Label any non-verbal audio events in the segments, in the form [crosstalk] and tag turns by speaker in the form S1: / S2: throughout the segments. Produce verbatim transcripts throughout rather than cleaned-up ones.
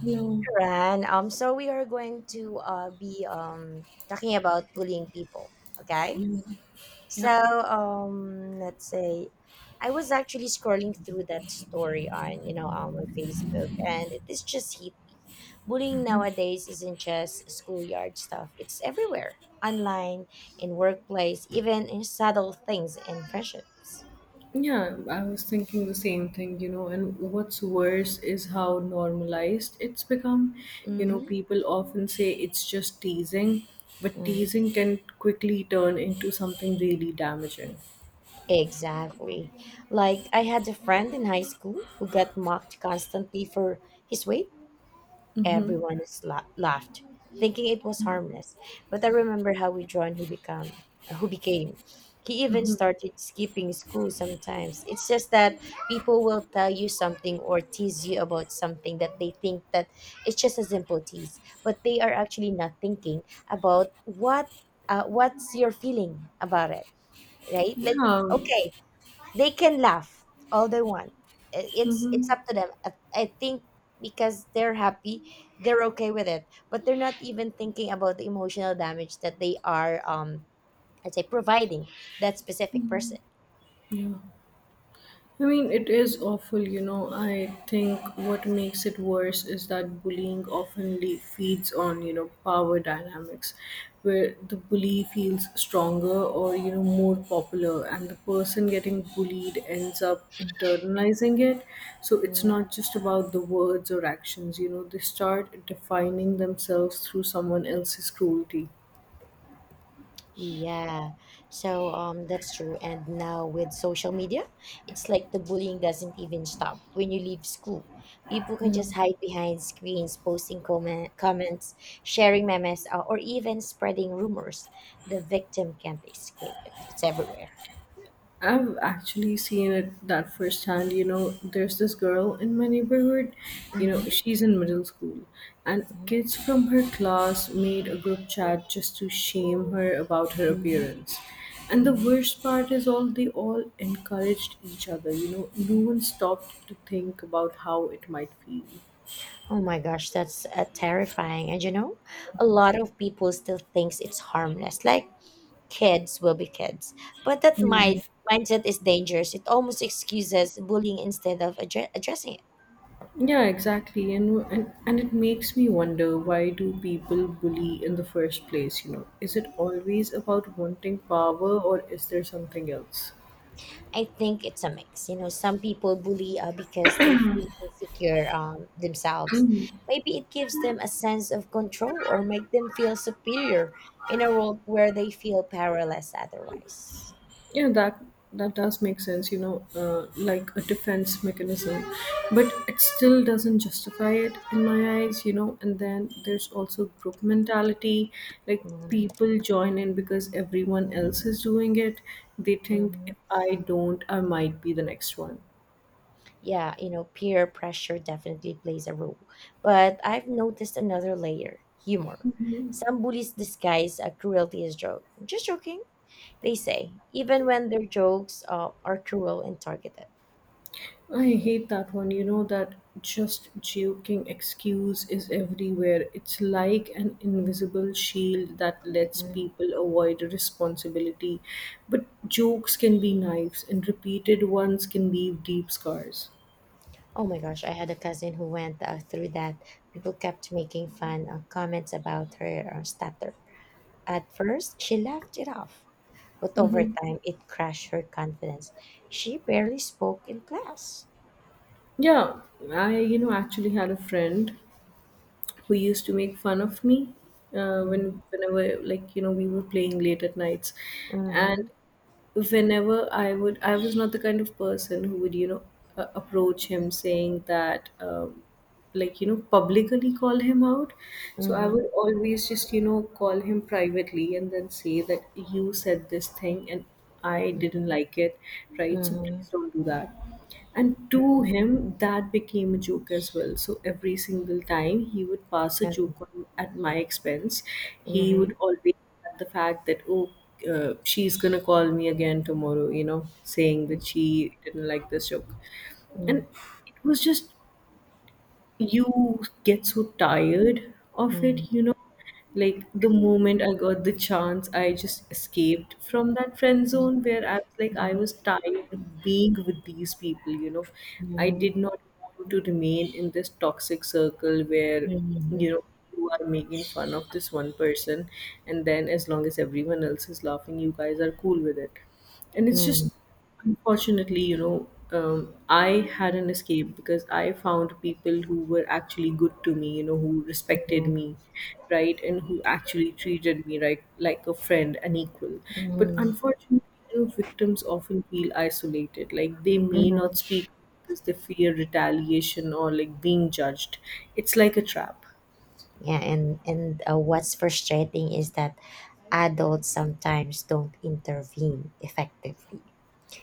S1: Hello.
S2: Ran. Um, so we are going to uh, be um, talking about bullying people. Okay. So
S1: Yeah,
S2: um, let's say I was actually scrolling through that story on you know on my Facebook, and it is just hit me. Bullying nowadays isn't just schoolyard stuff; it's everywhere, online, in workplace, even in subtle things in friendships.
S1: yeah, I was thinking the same thing, you know, and what's worse is how normalized it's become. You know,
S2: Mm-hmm.
S1: people often say it's just teasing, but
S2: Mm.
S1: teasing can quickly turn into something really damaging.
S2: Exactly. Like I had a friend in high school who got mocked constantly for his weight. Everyone is la- laughed, thinking it was harmless. But I remember how withdrawn he became. Who became? He even started skipping school sometimes. It's just that people will tell you something or tease you about something that they think that it's just a simple tease, but they are actually not thinking about what uh, what's your feeling about it, right? Like
S1: Yeah.
S2: okay, they can laugh all they want. I- it's it's
S1: Mm-hmm.
S2: up to them. I I think because they're happy, they're okay with it, but they're not even thinking about the emotional damage that they are um I'd say providing that specific person.
S1: Yeah. I mean, it is awful, you know. I think what makes it worse is that bullying often le- feeds on, you know, power dynamics where the bully feels stronger or, you know, more popular, and the person getting bullied ends up internalizing it. So it's
S2: Mm.
S1: not just about the words or actions, you know, they start defining themselves through someone else's cruelty.
S2: Yeah, so um, that's true. And now with social media, it's like the bullying doesn't even stop when you leave school. People can just hide behind screens, posting comment, comments, sharing memes, uh, or even spreading rumors. The victim can't escape it. It's everywhere.
S1: I've actually seen it that firsthand. You know, there's this girl in my neighborhood. You know,
S2: Mm-hmm.
S1: she's in middle school, and
S2: Mhm,
S1: kids from her class made a group chat just to shame her about her
S2: mhm,
S1: appearance. And the
S2: mhm.
S1: worst part is, all they all encouraged each other. You know, no one stopped to think about how it might feel.
S2: Oh my gosh, that's uh, terrifying. And you know, a lot of people still thinks it's harmless. Like kids will be kids. But that
S1: Yeah.
S2: mind mindset is dangerous. It almost excuses bullying instead of addre- addressing it.
S1: Yeah, exactly. And, and and it makes me wonder, why do people bully in the first place, you know? Is it always about wanting power, or is there something else?
S2: I think it's a mix. You know, some people bully uh, because they feel insecure um, themselves. Maybe it gives them a sense of control or make them feel superior in a world where they feel powerless otherwise.
S1: Yeah, that that does make sense, you know, uh, like a defense mechanism, but it still doesn't justify it in my eyes, you know. And then there's also group mentality, like
S2: Mhm.
S1: people join in because everyone else is doing it. They think, if
S2: Mhm.
S1: I don't, I might be the next one.
S2: Yeah, you know, peer pressure definitely plays a role. But I've noticed another layer humor. Some bullies disguise a cruelty as joke. Just joking, they say, even when their jokes uh, are cruel and targeted.
S1: I hate that one. You know, that just joking excuse is everywhere. It's like an invisible shield that lets
S2: Mm.
S1: people avoid responsibility. But jokes can be knives, and repeated ones can leave deep scars.
S2: Oh my gosh, I had a cousin who went uh, through that. People kept making fun uh, comments about her uh, stutter. At first, she laughed it off, but over time, it crashed her confidence. She barely spoke in class.
S1: Yeah, I, you know, actually had a friend who used to make fun of me uh,
S2: Mm-hmm.
S1: when whenever, like, you know, we were playing late at nights, and whenever i would i was not the kind of person who would, you know, uh, approach him saying that, um, like, you know, publicly call him out. So I
S2: Mm-hmm.
S1: would always just, you know, call him privately and then say that you said this thing and I didn't like it, right? So
S2: Mhm.
S1: please don't do that. And to
S2: Mhm.
S1: him, that became a joke as well. So every single time he would pass a
S2: Yeah.
S1: joke on at my expense, he would
S2: Mhm.
S1: always add the fact that, oh, uh, she's gonna call me again tomorrow, you know, saying
S2: Mm.
S1: that she didn't like this joke. And it was just, you get so tired of
S2: Mm.
S1: it, you know. Like, the moment I got the chance, I just escaped from that friend
S2: Mm.
S1: zone, where I was like, I
S2: Mhm.
S1: was tired of being with these people, you know. I
S2: Mhm.
S1: did not want to remain in this toxic circle where, you
S2: Mhm.
S1: know, you are making fun of this one person, and then as long as everyone else is laughing, you guys are cool with it. And it's
S2: Mm.
S1: just, unfortunately, you know, um, I had an escape because I found people who were actually good to me, you know, who respected
S2: Mhm.
S1: me, right, and who actually treated me right, like a friend, an equal. But
S2: Mhm.
S1: unfortunately, you know, victims often feel isolated. Like, they may not
S2: Mhm.
S1: speak because they fear retaliation or, like, being judged. It's like a trap.
S2: Yeah, and and uh, what's frustrating is that adults sometimes don't intervene effectively.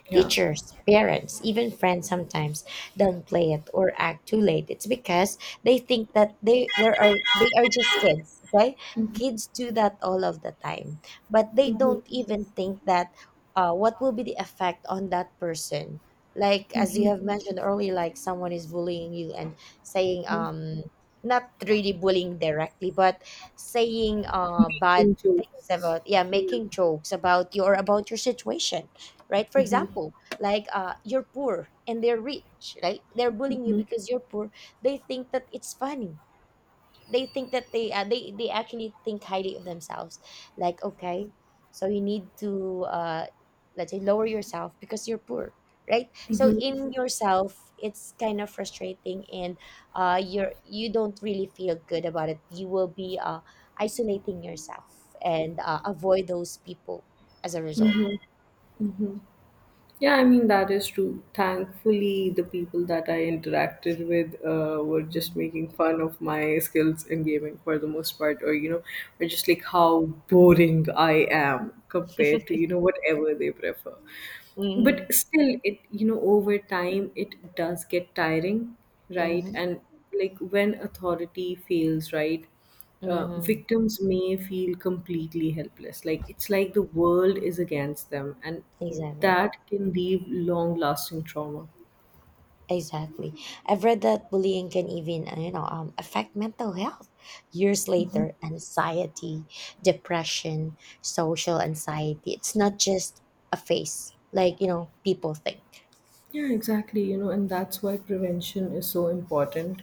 S1: Yeah.
S2: Teachers, parents, even friends sometimes downplay it or act too late. It's because they think that they there are they are just kids, okay? Kids do that all of the time, but they
S1: Mhm.
S2: don't even think that uh, what will be the effect on that person. Like as you have mentioned earlier, like someone is bullying you and saying um not really bullying directly, but saying uh bad
S1: Making
S2: things
S1: jokes.
S2: about, yeah,
S1: Yeah.
S2: making jokes about you or about your situation, right? For example, like uh, you're poor and they're rich, right? They're bullying you because you're poor. They think that it's funny. They think that they uh, they they actually think highly of themselves. Like okay, so you need to uh, let's say lower yourself because you're poor, right? So in yourself, it's kind of frustrating, and uh, you're you don't really feel good about it. You will be uh, isolating yourself and uh, avoid those people as a result.
S1: Yeah, I mean, that is true. Thankfully, the people that I interacted with uh, were just making fun of my skills in gaming for the most part, or, you know, were just like how boring I am compared to, you know, whatever they prefer.
S2: Mhm.
S1: But still, it, you know, over time, it does get tiring, right?
S2: Mm-hmm.
S1: And like, when authority fails, right, uh,
S2: Mm-hmm.
S1: victims may feel completely helpless, like it's like the world is against them, and
S2: Exactly.
S1: that can leave long lasting trauma.
S2: Exactly. I've read that bullying can even, uh, you know, um, affect mental health. Years later, anxiety, depression, social anxiety. It's not just a phase, like, you know, people think.
S1: Yeah, exactly. You know, and that's why prevention is so important.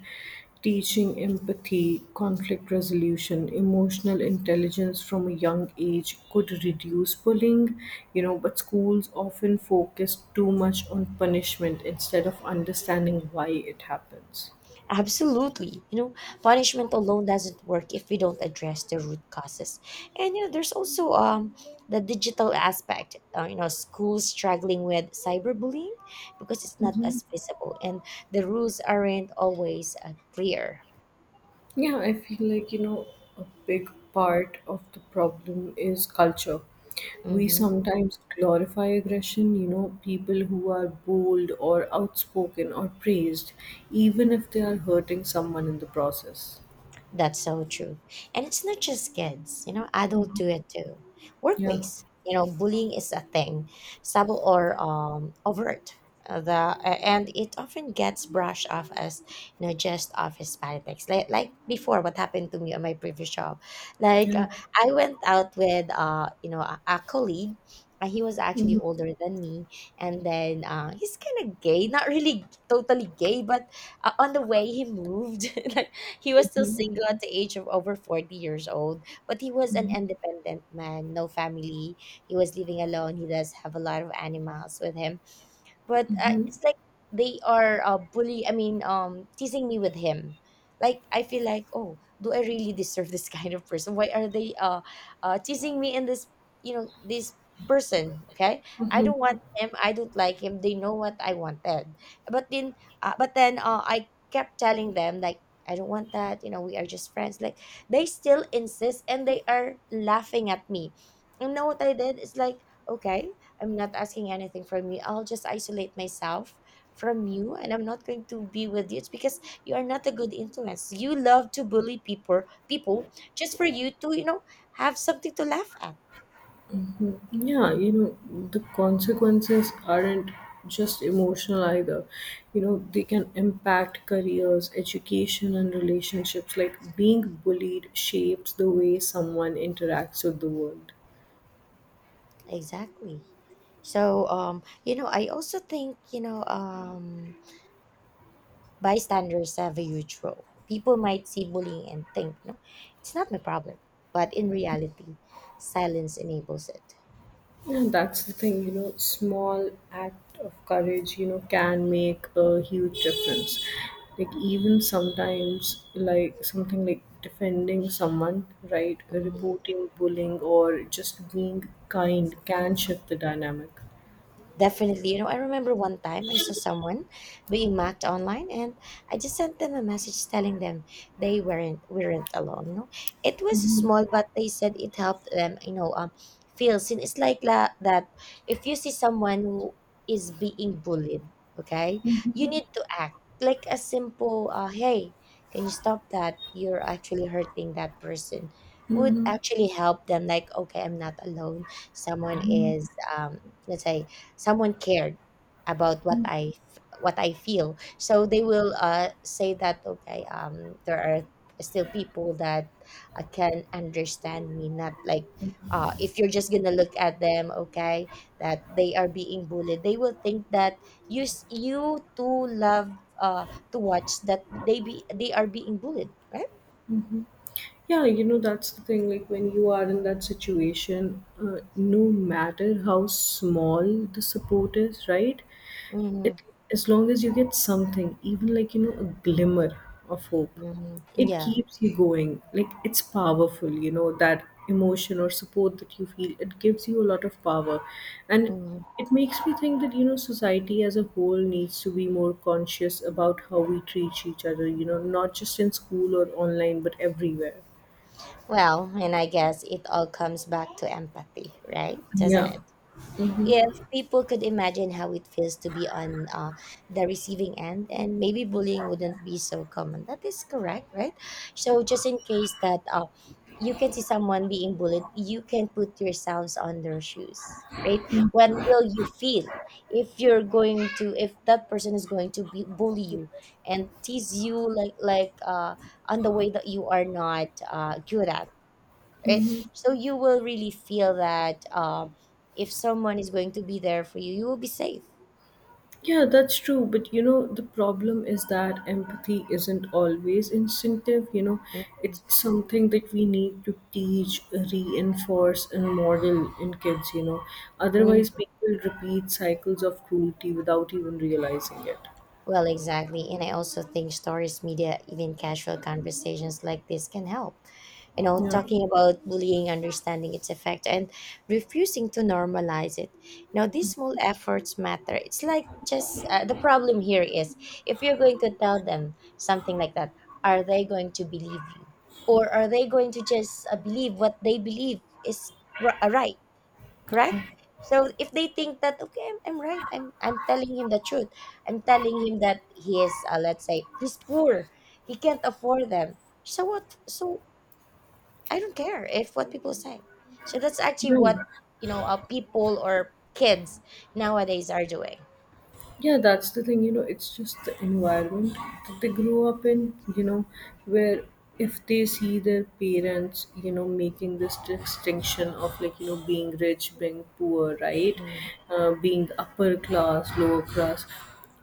S1: Teaching empathy, conflict resolution, emotional intelligence from a young age could reduce bullying, you know, but schools often focus too much on punishment instead of understanding why it happens.
S2: Absolutely. You know, punishment alone doesn't work if we don't address the root causes. And you know, there's also um the digital aspect. Uh, you know, schools struggling with cyberbullying because it's not as visible and the rules aren't always uh, clear.
S1: Yeah, I feel like, you know, a big part of the problem is culture. We
S2: Mhm.
S1: sometimes glorify aggression, you know, people who are bold or outspoken or praised, even if they are hurting someone in the process.
S2: That's so true. And it's not just kids, you know, adults do it too.
S1: Yeah,
S2: Workplace, you know, bullying is a thing, subtle or um, overt. Uh, The uh, And it often gets brushed off as, you know, just office politics. Like like before, what happened to me on my previous job, like
S1: yeah.
S2: uh, I went out with uh you know a, a colleague. Uh, he was actually older than me, and then uh, he's kind of gay. Not really totally gay, but uh, on the way he moved [laughs] like. He was still single at the age of over forty years old, but he was an independent man, no family. He was living alone. He does have a lot of animals with him, but uh, it's like they are uh, bully I mean um teasing me with him. Like I feel like, oh, do I really deserve this [laughs] kind of person? Why are they uh, uh teasing me? And this, you know, this person, okay, I don't want him, I don't like him, they know what I wanted. But then uh, but then uh, I kept telling them like I don't want that, you know, we are just friends, like they still insist and they are laughing at me. And now what I did is like okay, I'm not asking anything from you. I'll just isolate myself from you and I'm not going to be with you. It's because you are not a good influence. You love to bully people people just for you to, you know, have something to laugh at.
S1: Yeah, you know, the consequences aren't just emotional either. You know, they can impact careers, education, and relationships. Like, being bullied shapes the way someone interacts with the world.
S2: Exactly. So um, you know, I also think, you know, um bystanders have a huge role. People might see bullying and think, no, it's not my problem. But in reality, silence enables it.
S1: Yeah, that's the thing, you know, small act of courage, you know, can make a huge difference. Like, even sometimes, like something like defending someone, right?
S2: Mhm.
S1: Reporting bullying or just being kind can shift the dynamic.
S2: Definitely. You know, I remember one time I saw someone being mocked online and I just sent them a message telling them they weren't weren't alone, you know. It was small but they said it helped them, you know, um feel seen. It's like la- that if you see someone who is being bullied, okay? You need to act like a simple uh hey, can you stop that? You're actually hurting that person. Would actually help them like okay, I'm not alone, someone is um let's say someone cared about what I f- what I feel. So they will uh, say that okay, um, there are still people that uh, can understand me. Not like uh, if you're just gonna look at them, okay, that they are being bullied. They will think that you s- you too love uh, to watch that they be they are being bullied, right?
S1: Yeah, you know, that's the thing. Like, when you are in that situation, uh, no matter how small the support is, right,
S2: Hmm.
S1: it, as long as you get something, even, like, you know, a glimmer of hope,
S2: Hmm.
S1: it
S2: Yeah.
S1: keeps you going. Like, it's powerful, you know, that emotion or support that you feel, it gives you a lot of power. And it,
S2: Hmm.
S1: it makes me think that, you know, society as a whole needs to be more conscious about how we treat each other, you know, not just in school or online, but everywhere.
S2: Well, and I guess it all comes back to empathy, right? Doesn't
S1: Yeah.
S2: it? If people could imagine how it feels to be on uh, the receiving end, and maybe bullying wouldn't be so common. That is correct, right? So just in case that uh, you can see someone being bullied, you can put yourselves on their shoes, right? What will you feel if you're going to if that person is going to be bully you and tease you like like uh on the way that you are not uh good at, right? So you will really feel that um, if someone is going to be there for you, you will be safe.
S1: Yeah, that's true. But you know, the problem is that empathy isn't always instinctive. You know,
S2: Mhm.
S1: it's something that we need to teach, reinforce, and model in kids, you know.
S2: Mhm.
S1: Otherwise, people repeat cycles of cruelty without even realizing it.
S2: Well, exactly. And I also think stories, media, even casual conversations like this can help. You know,
S1: Yeah.
S2: talking about bullying, understanding its effect and refusing to normalize it, you know, these small efforts matter. It's like just uh, the problem here is if you're going to tell them something like that, are they going to believe you or are they going to just uh, believe what they believe is r- uh, right, correct. So if they think that okay, I'm, I'm right, I'm, I'm telling him the truth, I'm telling him that he is uh, let's say he's poor, he can't afford them, so what? So I don't care if what people say. So that's actually what,
S1: Yeah.
S2: you know, uh, people or kids nowadays are doing.
S1: Yeah, that's the thing, you know, it's just the environment that they grow up in, you know, where if they see their parents, you know, making this distinction of, like, you know, being rich, being poor, right?
S2: Mm,
S1: Uh, being upper class, lower class.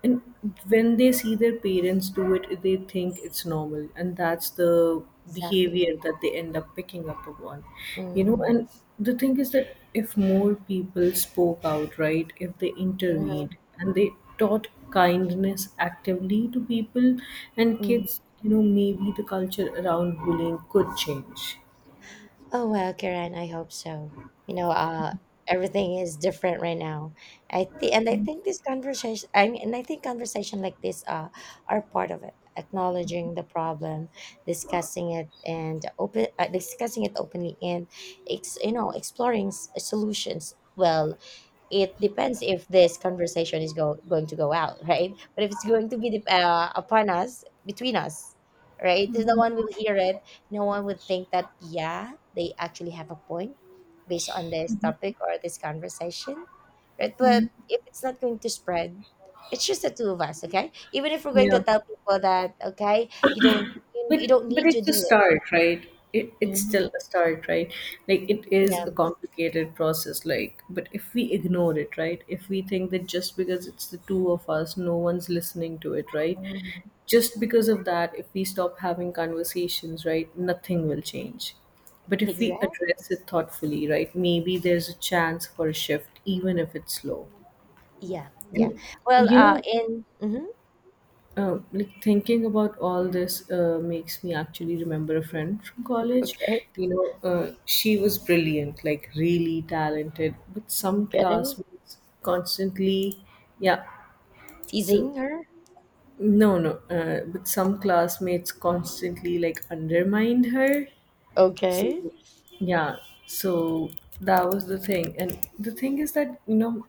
S1: And when they see their parents do it, they think it's normal, and that's the
S2: exactly.
S1: behavior that they end up picking up upon, you know.
S2: Hmm.
S1: And the thing is that if more people spoke out, right, if they intervened and they taught kindness actively to people and
S2: Hmm.
S1: kids, you know, maybe the culture around bullying could change.
S2: Oh well, Karen, I hope so. You know, uh, everything is different right now. I think, and I think this conversation, I mean, and I think conversation like this, uh, are part of it. Acknowledging the problem, discussing it, and open, uh, discussing it openly, and it's, you know, exploring s- solutions. Well, it depends if this conversation is go, going to go out, right? But if it's going to be dep- uh, upon us, between us, right? No one will hear it. No one would think that, yeah, they actually have a point based on this topic or this conversation, right? But if it's not going to spread, it's just the two of us, okay? Even if we're going
S1: Yeah.
S2: to tell people that, okay, you don't, you,
S1: But
S2: you don't
S1: but
S2: need to
S1: it's a
S2: do this.
S1: start, right? It, it's
S2: Mhm.
S1: still a start, right? Like, it is
S2: Yeah.
S1: a complicated process. Like, but if we ignore it, right? If we think that just because it's the two of us, no one's listening to it, right?
S2: Mhm.
S1: Just because of that, if we stop having conversations, right, nothing will change. But if we
S2: Exact.
S1: address it thoughtfully, right, maybe there's a chance for a shift, even if it's slow.
S2: Yeah, yeah.
S1: And
S2: Well,
S1: you
S2: uh,
S1: know,
S2: in mhm.
S1: uh, like thinking about all this uh, makes me actually remember a friend from college. You know, uh, she was brilliant, like really talented, but some classmates constantly, yeah. So
S2: Teasing her?
S1: no, no, uh, but some classmates constantly like undermined her. So
S2: Okay.
S1: yeah, so that was the thing, and the thing is that, you know,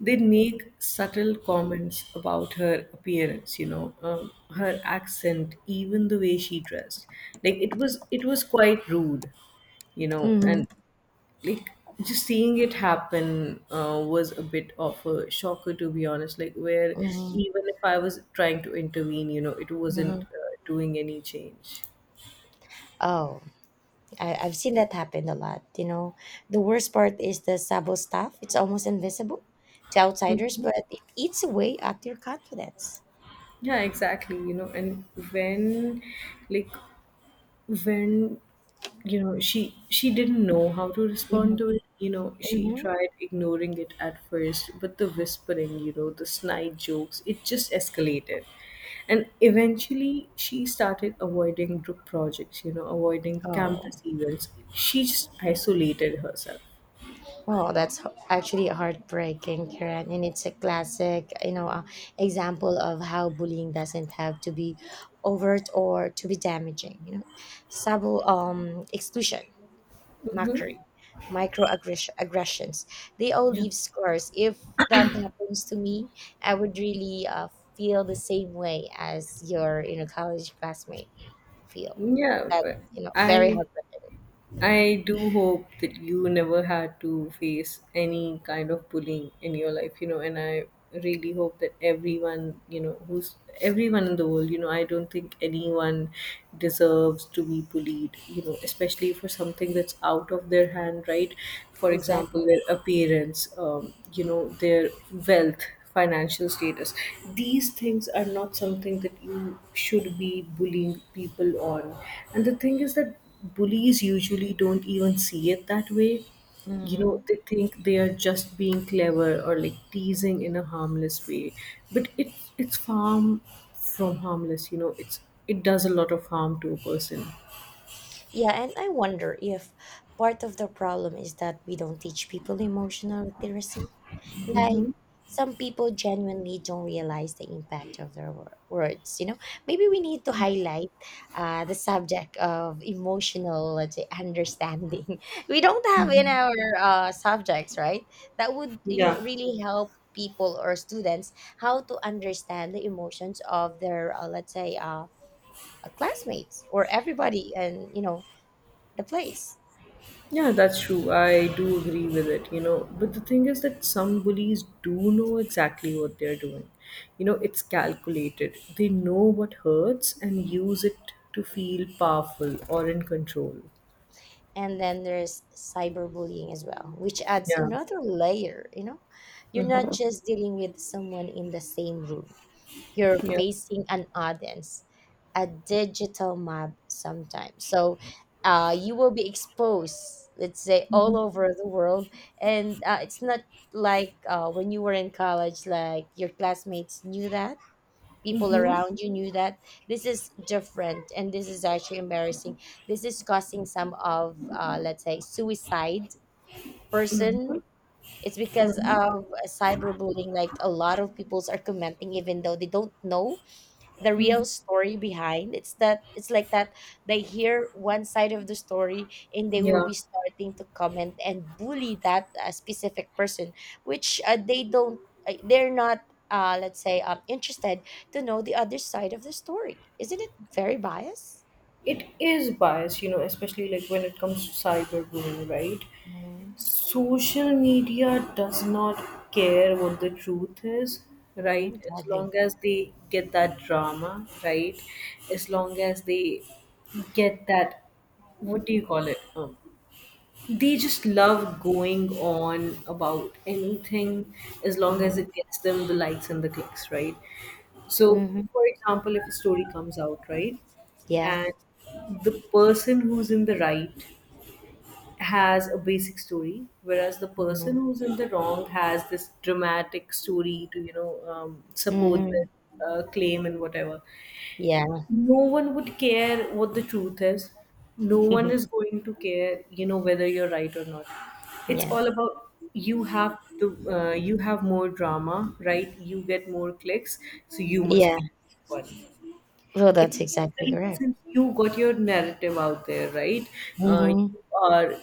S1: they make subtle comments about her appearance, you know, um, her accent, even the way she dressed. Like, it was it was quite rude, you know.
S2: Mm-hmm.
S1: And like, just seeing it happen uh, was a bit of a shocker, to be honest. Like, where
S2: Mm-hmm.
S1: even if I was trying to intervene, you know, it wasn't
S2: Mm-hmm.
S1: uh, doing any change.
S2: Oh, I, I've seen that happen a lot. You know, the worst part is the sabo stuff. It's almost invisible to outsiders,
S1: Mhm.
S2: but it eats away at your confidence.
S1: Yeah, exactly, you know. And when, like, when you know, she she didn't know how to
S2: Mm-hmm.
S1: respond to it, you know, she
S2: Mm-hmm.
S1: tried ignoring it at first, but the whispering, you know, the snide jokes, it just escalated. And eventually she started avoiding group projects, you know, avoiding
S2: Oh,
S1: campus events. She just isolated herself.
S2: oh, that's h- actually heartbreaking, Karen. And it's a classic, you know, uh, example of how bullying doesn't have to be overt or to be damaging. You know, sabo um exclusion, mockery, microaggressions. They all
S1: Yeah.
S2: leave scars. If that happens to me, I would really uh, feel the same way as your, you know, college classmate feel.
S1: Yeah,
S2: That's,
S1: but
S2: you know, very
S1: i
S2: heartbreaking.
S1: I do hope that you never had to face any kind of bullying in your life, you know, and I really hope that everyone, you know, who's everyone in the world, you know, I don't think anyone deserves to be bullied, you know, especially for something that's out of their hand, right? For example,
S2: Exactly.
S1: their appearance, um, you know, their wealth, financial status. These things are not something that you should be bullying people on. And the thing is that bullies usually don't even see it that way. You know,
S2: hmm
S1: they think they are just being clever or, like, teasing in a harmless way. But it it's far from harmless, you know, it's, it does a lot of harm to a person.
S2: Yeah, and I wonder if part of the problem is that we don't teach people emotional literacy. Like,
S1: Mm-hmm.
S2: some people genuinely don't realize the impact of their wor- words, you know? Maybe we need to highlight uh, the subject of emotional, let's say, understanding. [laughs] We don't have in our uh, subjects, right? That would, you know,
S1: Yeah.
S2: really help people or students how to understand the emotions of their, uh, let's say, uh, classmates or everybody and, you know, the place.
S1: Yeah, that's true. I do agree with it, you know. But the thing is that some bullies do know exactly what they're doing. You know, it's calculated. They know what hurts and use it to feel powerful or in control.
S2: And then there's cyberbullying as well, which adds
S1: Yeah.
S2: another layer, you know? You're not just dealing with someone in the same room. You're
S1: Yeah,
S2: facing an audience, a digital mob sometimes. So uh, you will be exposed, let's say, all over the world. And uh, it's not like uh, when you were in college, like your classmates knew that people around you knew that this is different, and this is actually embarrassing. This is causing some of, uh, let's say, suicide person. It's because of cyberbullying. Like a lot of peoples are commenting even though they don't know the real story behind. It's that it's like that they hear one side of the story, and they
S1: yeah.
S2: will be starting to comment and bully that uh, specific person, which uh, they don't uh, they're not uh, let's say, um, interested to know the other side of the story. Isn't it very biased?
S1: It is biased, you know, especially like when it comes to cyberbullying, right?
S2: Mm-hmm.
S1: Social media does not care what the truth is, right? As
S2: Exactly.
S1: long as they get that drama, right? As long as they get that, what do you call it? Um, they just love going on about anything as long as it gets them the likes and the clicks, right? So,
S2: Mm-hmm.
S1: for example, if a story comes out, right,
S2: Yeah.
S1: and the person who's in the right has a basic story, whereas the
S2: Mm-hmm.
S1: person who's in the wrong has this dramatic story to, you know, um, support their uh, claim and whatever.
S2: Yeah.
S1: No one would care what the truth is. No
S2: [laughs]
S1: one is going to care, you know, whether you're right or not. It's
S2: Yeah,
S1: all about you have the uh, you have more drama, right? You get more clicks, so you must
S2: yeah.
S1: be one.
S2: Well,
S1: It's
S2: that's exactly
S1: basically
S2: correct.
S1: since you got your narrative out there, right? Uh,
S2: Mm-hmm.
S1: you are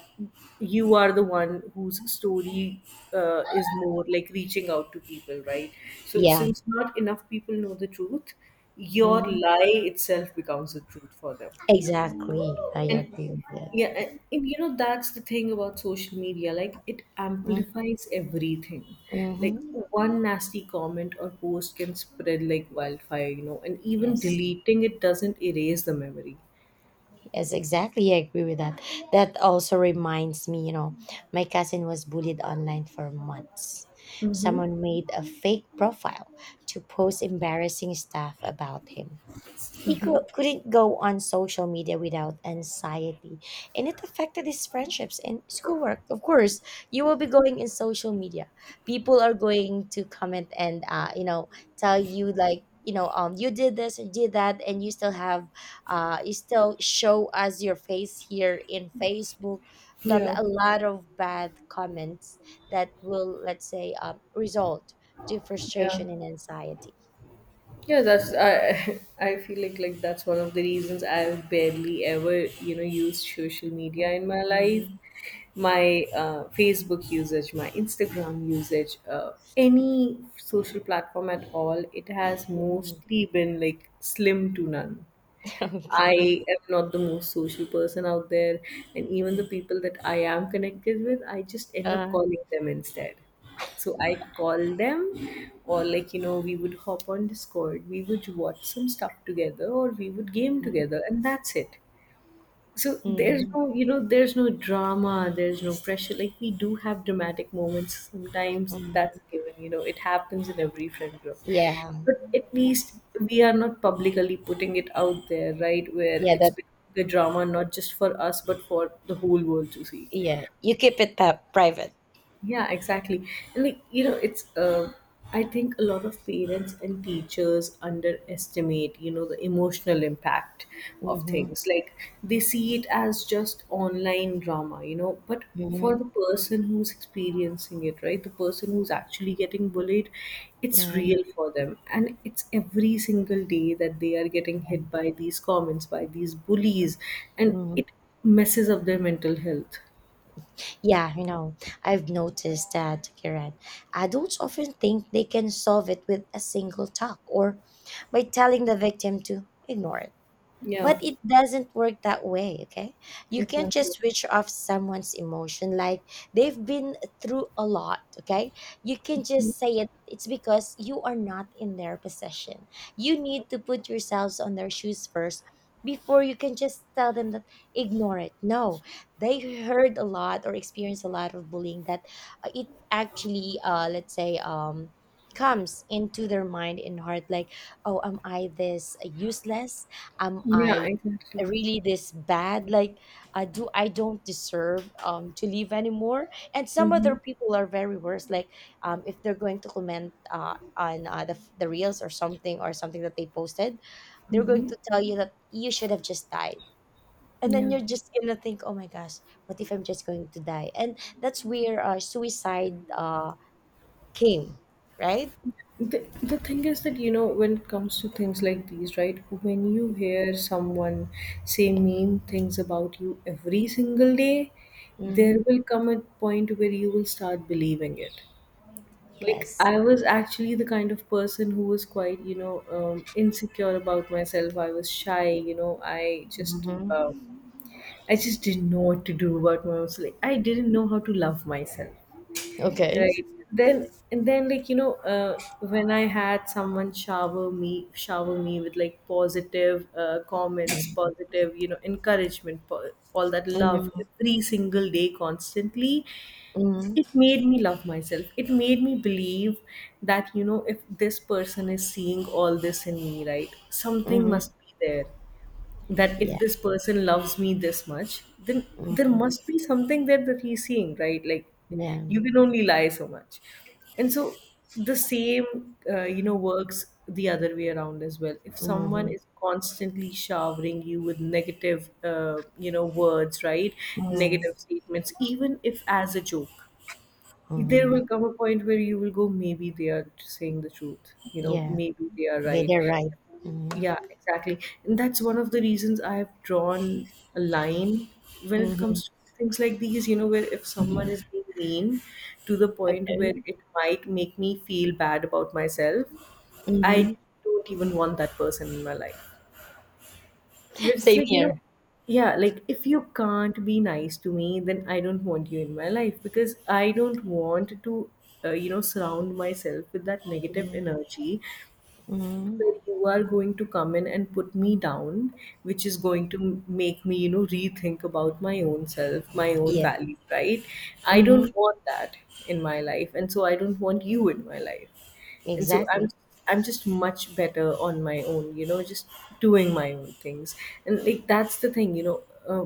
S1: you are the one whose story uh, is more like reaching out to people, right? So
S2: Yeah.
S1: since not enough people know the truth, your
S2: hmm
S1: lie itself becomes the truth for them.
S2: Exactly, I
S1: And
S2: agree with
S1: yeah,
S2: that.
S1: a- and you know, that's the thing about social media. Like, it
S2: Mm,
S1: amplifies everything. Like,
S2: mm-hmm.
S1: one nasty comment or post can spread like wildfire, you know, and even
S2: Yes,
S1: deleting it doesn't erase the memory.
S2: yes, exactly. I agree with that. That also reminds me, you know, my cousin was bullied online for months.
S1: Mm-hmm.
S2: Someone made a fake profile to post embarrassing stuff about him. He cou- couldn't go on social media without anxiety, and it affected his friendships and schoolwork. Of course, you will be going in social media. People are going to comment and, uh, you know, tell you like, you know, um you did this, you did that, and you still have uh you still show us your face here in Facebook. Blah blah,
S1: Yeah.
S2: a lot of bad comments that will, let's say, um, result to
S1: Yeah.
S2: frustration and anxiety.
S1: Yeah, that's I [laughs] I feel like like that's one of the reasons I barely ever, you know, used social media
S2: Mhm.
S1: in my life. My uh, Facebook usage, my Instagram usage, uh, any social platform at all, it has mostly been like slim to none.
S2: [laughs] Okay.
S1: I am not the most social person out there, and even the
S2: Mm.
S1: people that I am connected with, I just end up
S2: Uh,
S1: calling them instead. So I call them, or like you know, we would hop on Discord, we would watch some stuff together, or we would game
S2: mhm,
S1: together, and that's it. So there's
S2: mhm,
S1: no, you know, there's no drama, there's no pressure. Like we do have dramatic moments sometimes.
S2: mhm.
S1: That's given, you know, it happens in every friend group.
S2: Yeah,
S1: But at least we are not publicly putting it out there, right? Where
S2: yeah,
S1: it's
S2: that,
S1: the drama not just for us but for the whole world to see.
S2: yeah. You keep it pa- private.
S1: Yeah, exactly. And like, you know, it's uh, I think a lot of parents and teachers underestimate, you know, the emotional impact of
S2: Mm-hmm,
S1: things. Like they see it as just online drama, you know, but for
S2: mm-hmm,
S1: the person who's experiencing it, right? The person who's actually getting bullied, it's real for them. And it's every single day that they are getting hit by these comments, by these bullies, and
S2: mm-hmm.
S1: it messes up their mental health.
S2: Yeah, you know, I've noticed that, Kiran. Adults often think they can solve it with a single talk or by telling the victim to ignore it.
S1: Yeah,
S2: But it doesn't work that way, okay? You can't
S1: exactly.
S2: just switch off someone's emotion. Like they've been through a lot, okay? You can just say it. It's because you are not in their possession. You need to put yourselves on their shoes first before you can just tell them that ignore it. No, they heard a lot or experienced a lot of bullying that uh, it actually, uh, let's say, um, comes into their mind and heart like, oh, am I this useless? Am
S1: Yeah,
S2: I
S1: exactly.
S2: really this bad? Like uh, do I don't deserve, um, to live anymore? And some
S1: Mm-hmm.
S2: other people are very worse, like, um, if they're going to comment uh, on, uh, the, the reels or something or something that they posted, they're going
S1: Mm-hmm.
S2: to tell you that you should have just died. And then
S1: Yeah.
S2: you're just gonna think, oh my gosh, what if I'm just going to die? And that's where uh, suicide uh, came, right?
S1: The, the thing is that, you know, when it comes to things like these, right? When you hear someone say mean things about you every single day, there
S2: hmm
S1: will come a point where you will start believing it. Like,
S2: yes.
S1: I was actually the kind of person who was quite, you know, um, insecure about myself. I was shy, you know, I just.
S2: hmm
S1: Uh, I just didn't know what to do about myself. Like, I didn't know how to love myself.
S2: okay.
S1: Right. Then and then like you know uh, when I had someone shower me shower me with like positive uh, comments, positive you know encouragement, po- all that love
S2: hmm
S1: every single day constantly, it made me love myself. It made me believe that you know if this person is seeing all this in me, right, something
S2: hmm
S1: must be there that if this person loves me this much, then there
S2: Mhm.
S1: must be something there that he's seeing, right? Like you
S2: Yeah.
S1: can only lie so much. And so the same, uh, you know, works the other way around as well. If someone
S2: Mhm.
S1: is constantly showering you with negative, uh, you know, words, right?
S2: Mhm.
S1: Negative statements, even if as a joke, there
S2: Mhm.
S1: will come a point where you will go, maybe they are saying the truth. You know,
S2: Yeah.
S1: maybe they are
S2: They-
S1: right.
S2: they're right. Mhm.
S1: Yeah, exactly. And that's one of the reasons I have drawn a line when it
S2: Mhm.
S1: comes to things like these, you know, where if someone is being mean to the point
S2: Okay.
S1: where it might make me feel bad about myself, I
S2: Mhm.
S1: don't even want that person in my life. Where it's
S2: Same
S1: like, you know,
S2: here.
S1: yeah, like if you can't be nice to me, then I don't want you in my life because I don't want to, uh, you know, surround myself with that negative
S2: Mhm.
S1: energy
S2: Mhm.
S1: where you are going to come in and put me down, which is going to m- make me, you know, rethink about my own self, my own
S2: Yeah.
S1: value, right? I
S2: Mhm.
S1: don't want that in my life. And so I don't want you in my life, and so i'm
S2: Exactly.
S1: i'm just much better on my own, you know, just doing my own things. And like that's the thing, you know, uh,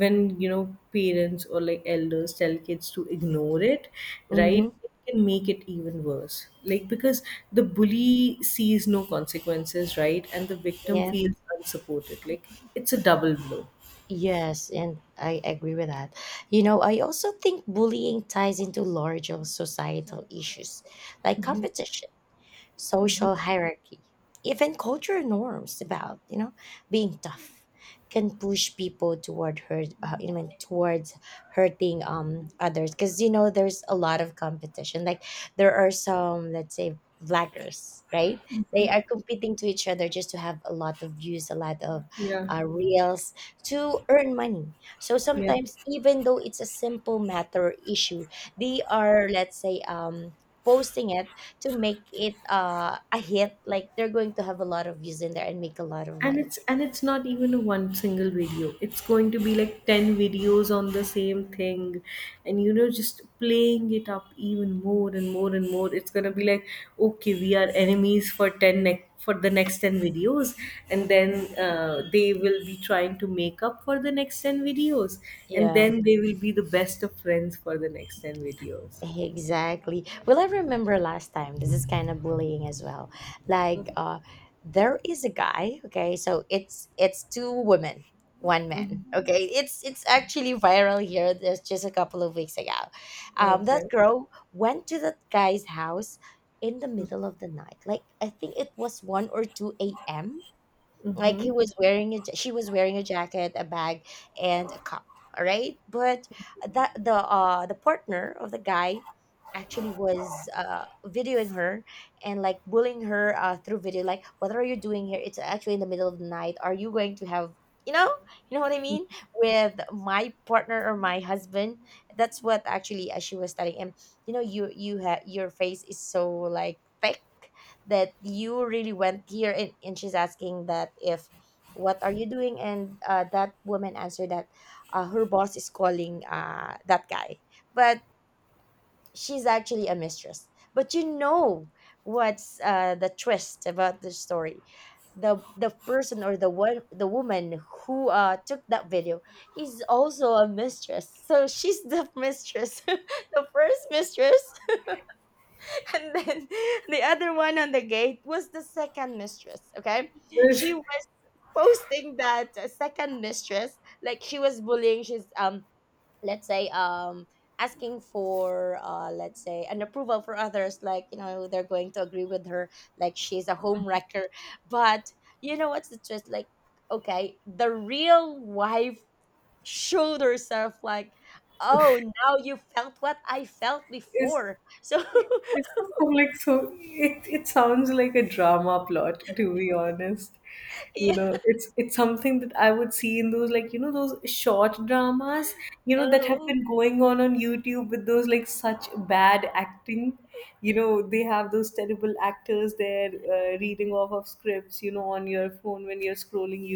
S1: when you know parents or like elders tell kids to ignore it, right,
S2: Mhm.
S1: it can make it even worse, like because the bully sees no consequences, right, and the victim
S2: Yeah.
S1: feels unsupported. Like it's a double blow.
S2: Yes, and I agree with that. You know, I also think bullying ties into larger societal issues like competition, social hierarchy, even cultural norms about, you know, being tough, can push people toward hurt, uh, I mean, towards hurting um others, because you know there's a lot of competition. Like there are some, let's say, vloggers, right? They are competing to each other just to have a lot of views, a lot of
S1: Yeah.
S2: uh, reels, to earn money. So
S1: Yeah,
S2: sometimes, even though it's a simple matter or issue, they are, let's say, um posting it to make it, uh, a hit, like they're going to have a lot of views in there and make a lot of
S1: and
S2: money.
S1: it's and it's not even a one single video, it's going to be like ten videos on the same thing, and you know just playing it up even more and more and more. It's going to be like okay we are enemies for ten ne- for the next ten videos, and then uh, they will be trying to make up for the next ten videos, and
S2: Yeah,
S1: then they will be the best of friends for the next ten videos.
S2: exactly. Well, I remember last time, this is kind of bullying as well. Like uh there is a guy, okay, so it's it's two women, one man.
S1: Hmm.
S2: Okay, it's it's actually viral here. There's just a couple of weeks ago, um that
S1: Okay.
S2: girl went to that guy's house in the middle of the night. Like, I think it was one or two a m. Like
S1: Mm-hmm.
S2: he was wearing a, ja- she was wearing a jacket, a bag, and a cup. All right, but that the uh the partner of the guy actually was uh videoing her and like bullying her uh through video. Like, what are you doing here? It's actually in the middle of the night. Are you going to have, you know, you know what I mean, with my partner or my husband? That's what actually uh, she was telling him. You know, you you have your face is so like thick that you really went here. and, and she's asking that if what are you doing. And uh, that woman answered that uh, her boss is calling uh, that guy. But she's actually a mistress. But you know what's uh, the twist about the story? The the person or the one, the woman who uh took that video is also a mistress. So she's the mistress. [laughs] The first mistress. And then [laughs] the other one on the gate was the second mistress. Okay. She
S1: [laughs]
S2: was posting that, uh, second mistress, like she was bullying, she's, um, let's say, um asking for, uh let's say, an approval for others, like, you know, they're going to agree with her, like she's a home wrecker. But you know what's the truth? Like, okay, the real wife showed herself like, oh, now you felt what I felt
S1: is
S2: before. So
S1: It's just so like, so it, it sounds like a drama plot, to be honest. You
S2: [laughs] yeah.
S1: know, it's it's something that I would see in those like you know those short dramas, you
S2: 嗯
S1: know, that have
S2: 哼，
S1: been going on on YouTube with those like such bad acting. You know, they have those terrible actors there uh, reading off of scripts, you know, on your phone when you're scrolling.